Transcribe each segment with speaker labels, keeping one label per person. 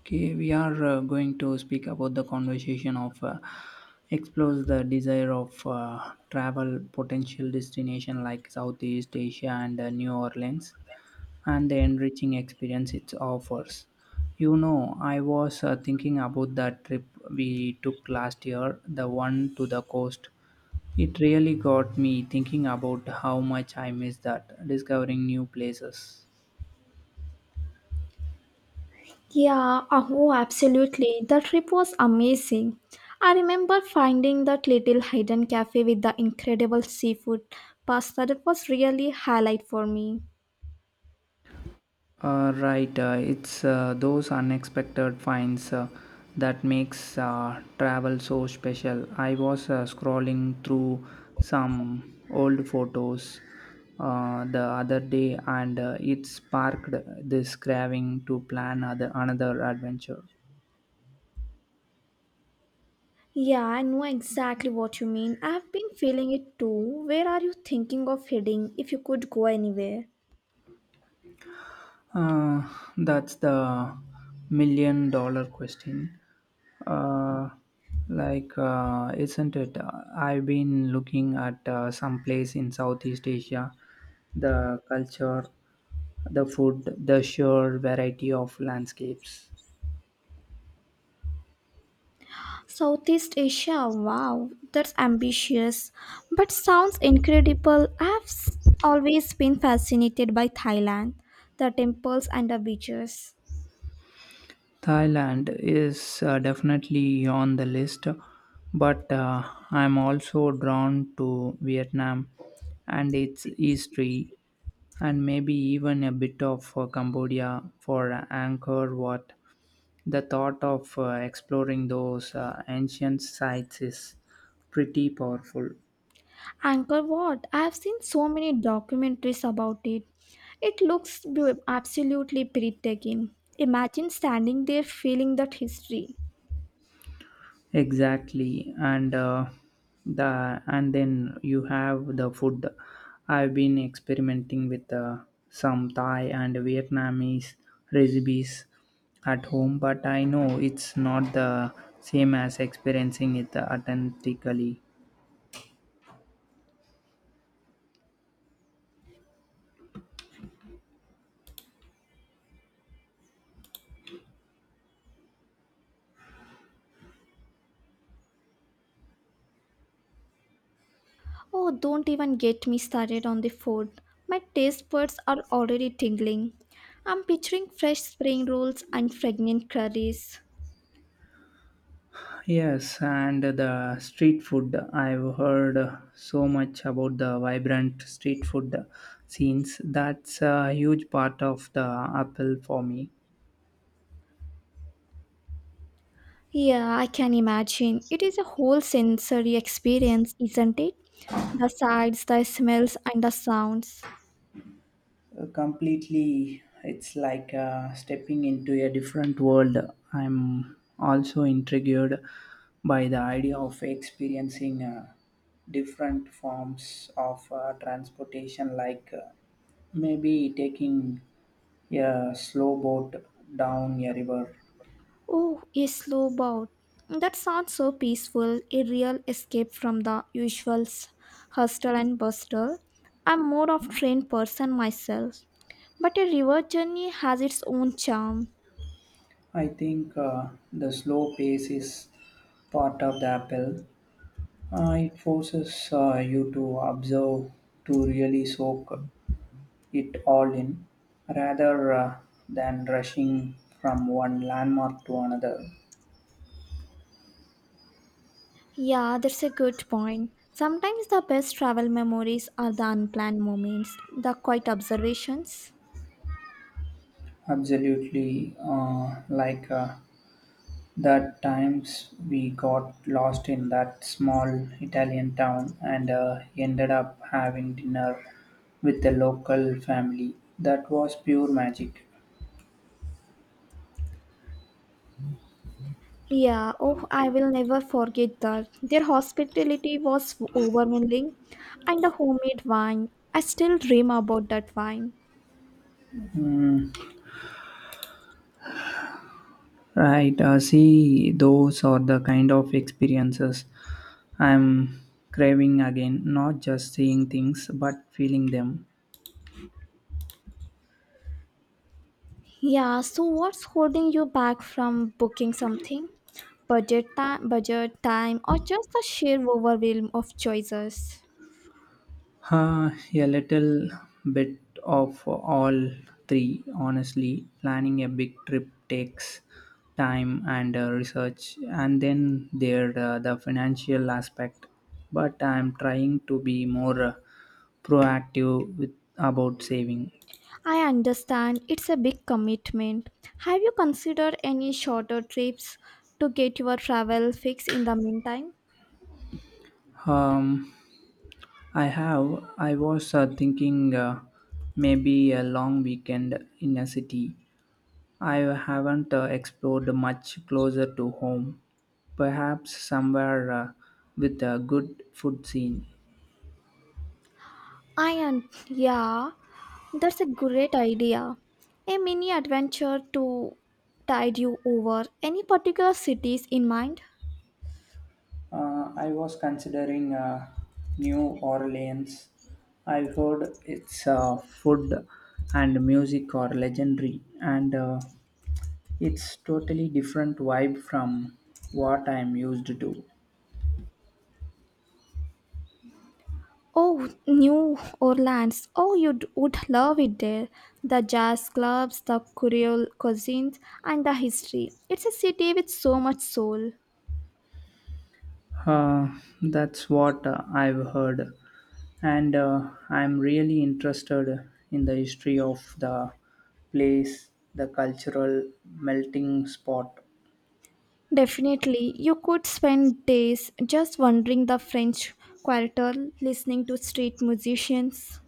Speaker 1: Okay, we are going to speak about the conversation of explores the desire of travel potential destination like Southeast Asia and New Orleans and the enriching experience it offers. You know, I was thinking about that trip we took last year, the one to the coast. It really got me thinking about how much I miss that, discovering new places.
Speaker 2: Yeah, oh, absolutely. The trip was amazing. I remember finding that little hidden cafe with the incredible seafood pasta that was really highlight for me.
Speaker 1: Right, it's those unexpected finds that makes travel so special. I was scrolling through some old photos the other day and it sparked this craving to plan another adventure.
Speaker 2: Yeah, I know exactly what you mean. I've been feeling it too. Where are you thinking of heading if you could go anywhere?
Speaker 1: Uh, that's the million dollar question. Uh, isn't it? I've been looking at some place in Southeast Asia, the culture, the food, the sheer variety of landscapes.
Speaker 2: Southeast Asia, wow, that's ambitious, but sounds incredible. Always been fascinated by Thailand, the temples and the beaches.
Speaker 1: Thailand is definitely on the list, but I'm also drawn to Vietnam and its history, and maybe even a bit of Cambodia for Angkor Wat. The thought of exploring those ancient sites is pretty powerful.
Speaker 2: Angkor Wat. I have seen so many documentaries about it. It looks absolutely breathtaking. Imagine standing there feeling that history.
Speaker 1: Exactly, and then you have the food. I've been experimenting with some Thai and Vietnamese recipes at home, but I know it's not the same as experiencing it authentically.
Speaker 2: Oh, don't even get me started on the food. My taste buds are already tingling. I'm picturing fresh spring rolls and fragrant curries.
Speaker 1: Yes, and the street food. I've heard so much about the vibrant street food scenes. That's a huge part of the appeal for me.
Speaker 2: Yeah, I can imagine. It is a whole sensory experience, isn't it? The sights, the smells, and the sounds.
Speaker 1: Completely. It's like stepping into a different world. I'm also intrigued by the idea of experiencing different forms of transportation, like maybe taking a slow boat down a river.
Speaker 2: Oh, a slow boat. That sounds so peaceful, a real escape from the usual hustle and bustle. I'm more of train person myself, but a river journey has its own charm.
Speaker 1: I think the slow pace is part of the appeal. It forces you to observe, to really soak it all in, rather than rushing from one landmark to another.
Speaker 2: Yeah, that's a good point. Sometimes the best travel memories are the unplanned moments, the quiet observations.
Speaker 1: Absolutely, that times we got lost in that small Italian town and ended up having dinner with the local family. That was pure magic.
Speaker 2: Yeah, oh, I will never forget that. Their hospitality was overwhelming, and the homemade wine. I still dream about that wine.
Speaker 1: Right, see, those are the kind of experiences I'm craving again, not just seeing things but feeling them.
Speaker 2: Yeah, so what's holding you back from booking something? Budget time, or just the sheer overwhelm of choices?
Speaker 1: A little bit of all three, honestly. Planning a big trip takes time and research, and then there the financial aspect. But I'm trying to be more proactive with about saving.
Speaker 2: I understand it's a big commitment. Have you considered any shorter trips to get your travel fix in the meantime?
Speaker 1: Um, I have. I was thinking maybe a long weekend in a city I haven't explored much closer to home. Perhaps somewhere with a good food scene.
Speaker 2: I am, yeah, that's a great idea. A mini adventure to tide you over. Any particular cities in mind?
Speaker 1: I was considering New Orleans. I heard its food and music are legendary, and it's totally different vibe from what I'm used to.
Speaker 2: Oh, New Orleans. Oh, would love it there. The jazz clubs, the Creole cuisines, and the history. It's a city with so much soul.
Speaker 1: Uh, that's what I've heard, and I'm really interested in the history of the place, the cultural melting spot,
Speaker 2: Definitely, you could spend days just wandering the French Quarter, listening to street musicians.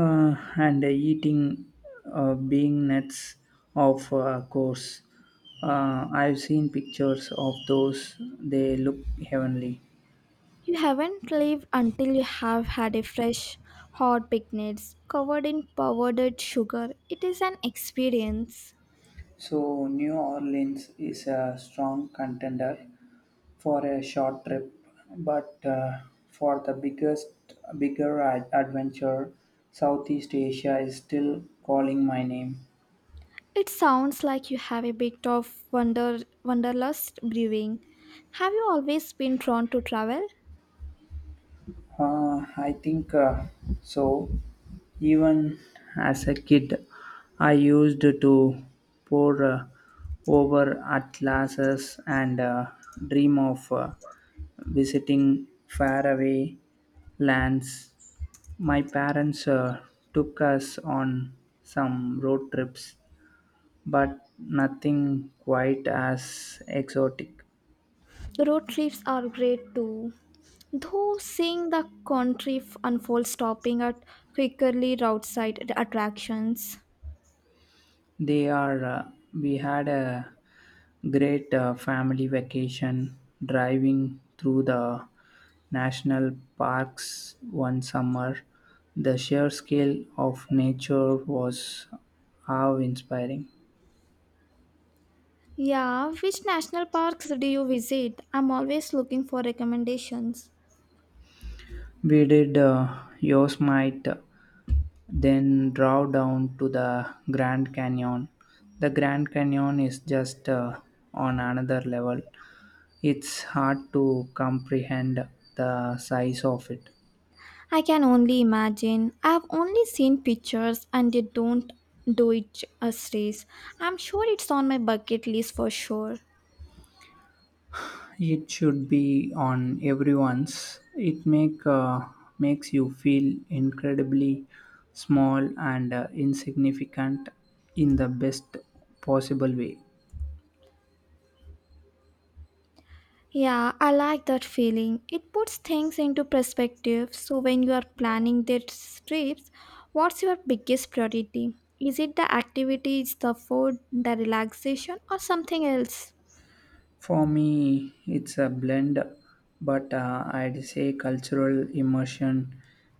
Speaker 1: and the eating being nuts. Of course, I've seen pictures of those. They look heavenly.
Speaker 2: You haven't lived until you have had a fresh, hot picnic covered in powdered sugar. It is an experience.
Speaker 1: So, New Orleans is a strong contender for a short trip, but for the bigger adventure, Southeast Asia is still calling my name.
Speaker 2: It sounds like you have a bit of wonder wanderlust brewing. Have you always been drawn to travel?
Speaker 1: I think so. Even as a kid, I used to pour over atlases and dream of visiting faraway lands. My parents took us on some road trips, but nothing quite as exotic.
Speaker 2: Road trips are great too. Though seeing the unfold, stopping at quickly roadside attractions.
Speaker 1: They are. We had a great family vacation driving through the national parks one summer. The sheer scale of nature was how inspiring.
Speaker 2: Yeah, which national parks do you visit? I'm always looking for recommendations.
Speaker 1: We did Yosemite, then drove down to the Grand Canyon. The Grand Canyon is just on another level. It's hard to comprehend the size of it.
Speaker 2: I can only imagine. I've only seen pictures and they don't do it justice. I'm sure it's on my bucket list for sure.
Speaker 1: It should be on everyone's. It makes you feel incredibly small and insignificant in the best possible way.
Speaker 2: Yeah, I like that feeling. It puts things into perspective. So, when you are planning these trips, what's your biggest priority? Is it the activities, the food, the relaxation, or something else?
Speaker 1: For me, it's a blend, but I'd say cultural immersion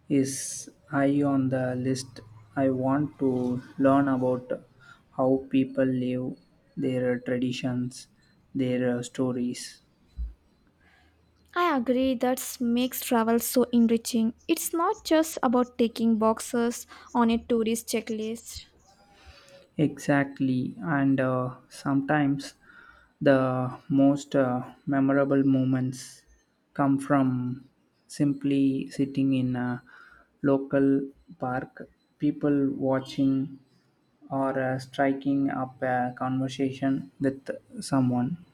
Speaker 1: is high on the list. I want to learn about how people live, their traditions, their stories.
Speaker 2: I agree that makes travel so enriching. It's not just about taking boxes on a tourist checklist.
Speaker 1: Exactly, and sometimes the most memorable moments come from simply sitting in a local park, people watching, or striking up a conversation with someone.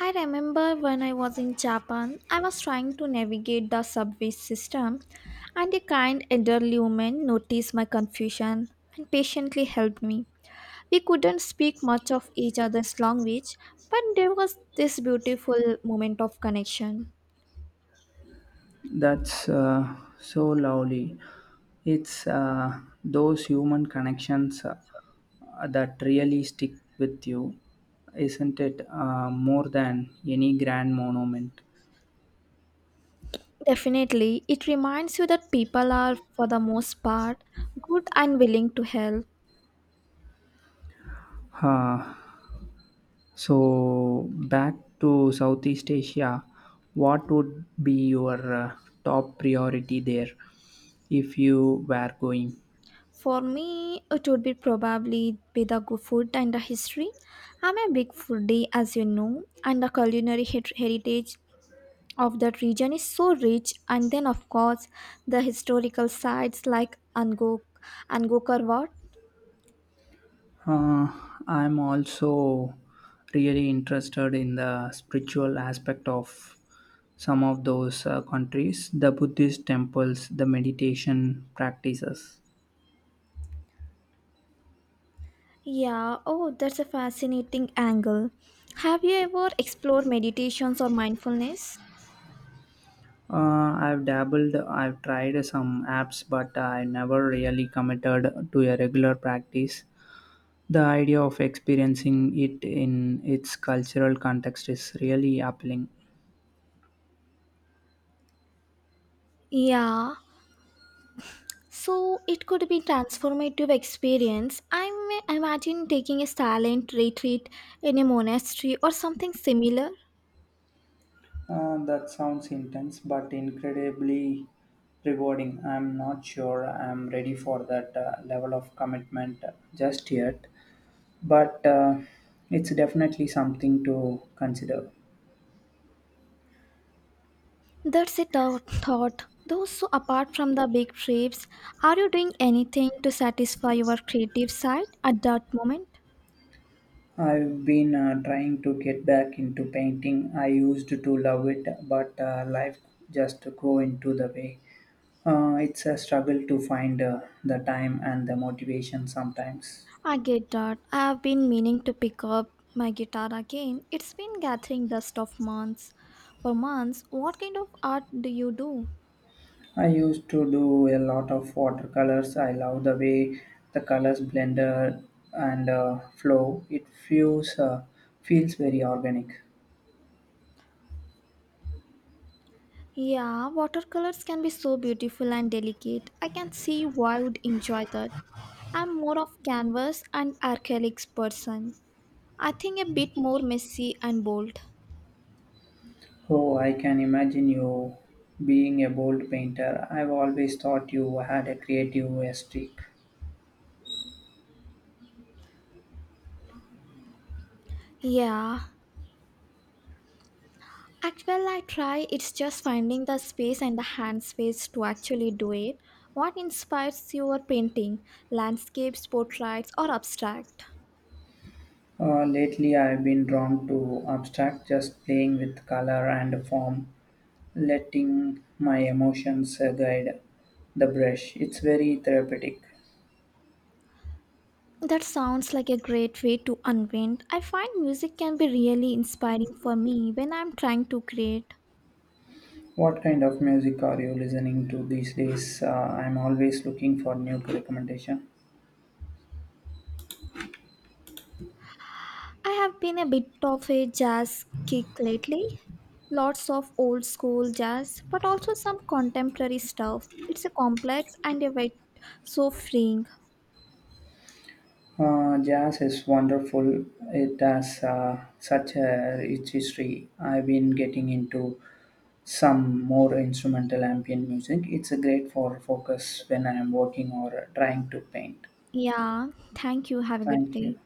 Speaker 2: I remember when I was in Japan, I was trying to navigate the subway system, and a kind elderly woman noticed my confusion and patiently helped me. We couldn't speak much of each other's language, but there was this beautiful moment of connection.
Speaker 1: That's so lovely. It's those human connections that really stick with you, isn't it? More than any grand monument.
Speaker 2: Definitely, it reminds you that people are, for the most part, good and willing to help.
Speaker 1: Uh, so, back to Southeast Asia, what would be your top priority there if you were going?
Speaker 2: For me, it would be probably be the good food and the history. I'm a big foodie, as you know, and the heritage of that region is so rich. And then, of course, the historical sites like Angkor Wat.
Speaker 1: Uh, I'm also really interested in the spiritual aspect of some of those countries, the Buddhist temples, the meditation practices.
Speaker 2: Yeah, oh, that's a fascinating angle. Have you ever explored meditations or mindfulness?
Speaker 1: I've dabbled, I've tried some apps, but I never really committed to a regular practice. The idea of experiencing it in its cultural context is really appealing.
Speaker 2: Yeah, so it could be transformative experience. I may imagine taking a silent retreat in a monastery or something similar.
Speaker 1: That sounds intense, but incredibly rewarding. I'm not sure I'm ready for that level of commitment just yet, but it's definitely something to consider.
Speaker 2: That's a thought. Though so apart from the big trips, are you doing anything to satisfy your creative side at that moment?
Speaker 1: I've been trying to get back into painting. I used to love it, but life just go into the way. It's a struggle to find the time and the motivation sometimes.
Speaker 2: I get that. I have been meaning to pick up my guitar again. It's been gathering dust of months. For months, what kind of art do you do?
Speaker 1: I used to do a lot of watercolors. I love the way the colors blended and flow. It feels very organic.
Speaker 2: Yeah, watercolors can be so beautiful and delicate. I can see why I would enjoy that. I'm more of canvas and acrylics person. I think a bit more messy and bold.
Speaker 1: Oh, I can imagine you being a bold painter. I've always thought you had a creative streak.
Speaker 2: Yeah, actually I try. It's just finding the space and the hand space to actually do it. What inspires your painting? Landscapes, portraits, or abstract?
Speaker 1: Lately, I've been drawn to abstract, just playing with color and form, letting my emotions guide the brush. It's very therapeutic.
Speaker 2: That sounds like a great way to unwind. I find music can be really inspiring for me when I'm trying to create.
Speaker 1: What kind of music are you listening to these days? I'm always looking for new recommendation.
Speaker 2: I have been a bit of a jazz kick lately. Lots of old school jazz, but also some contemporary stuff. It's a complex and a bit so freeing.
Speaker 1: Jazz is wonderful. It has such a rich history. I've been getting into some more instrumental ambient music. It's a great for focus when I am working or trying to paint.
Speaker 2: Yeah, thank you. Have a good
Speaker 1: Thank you.
Speaker 2: day.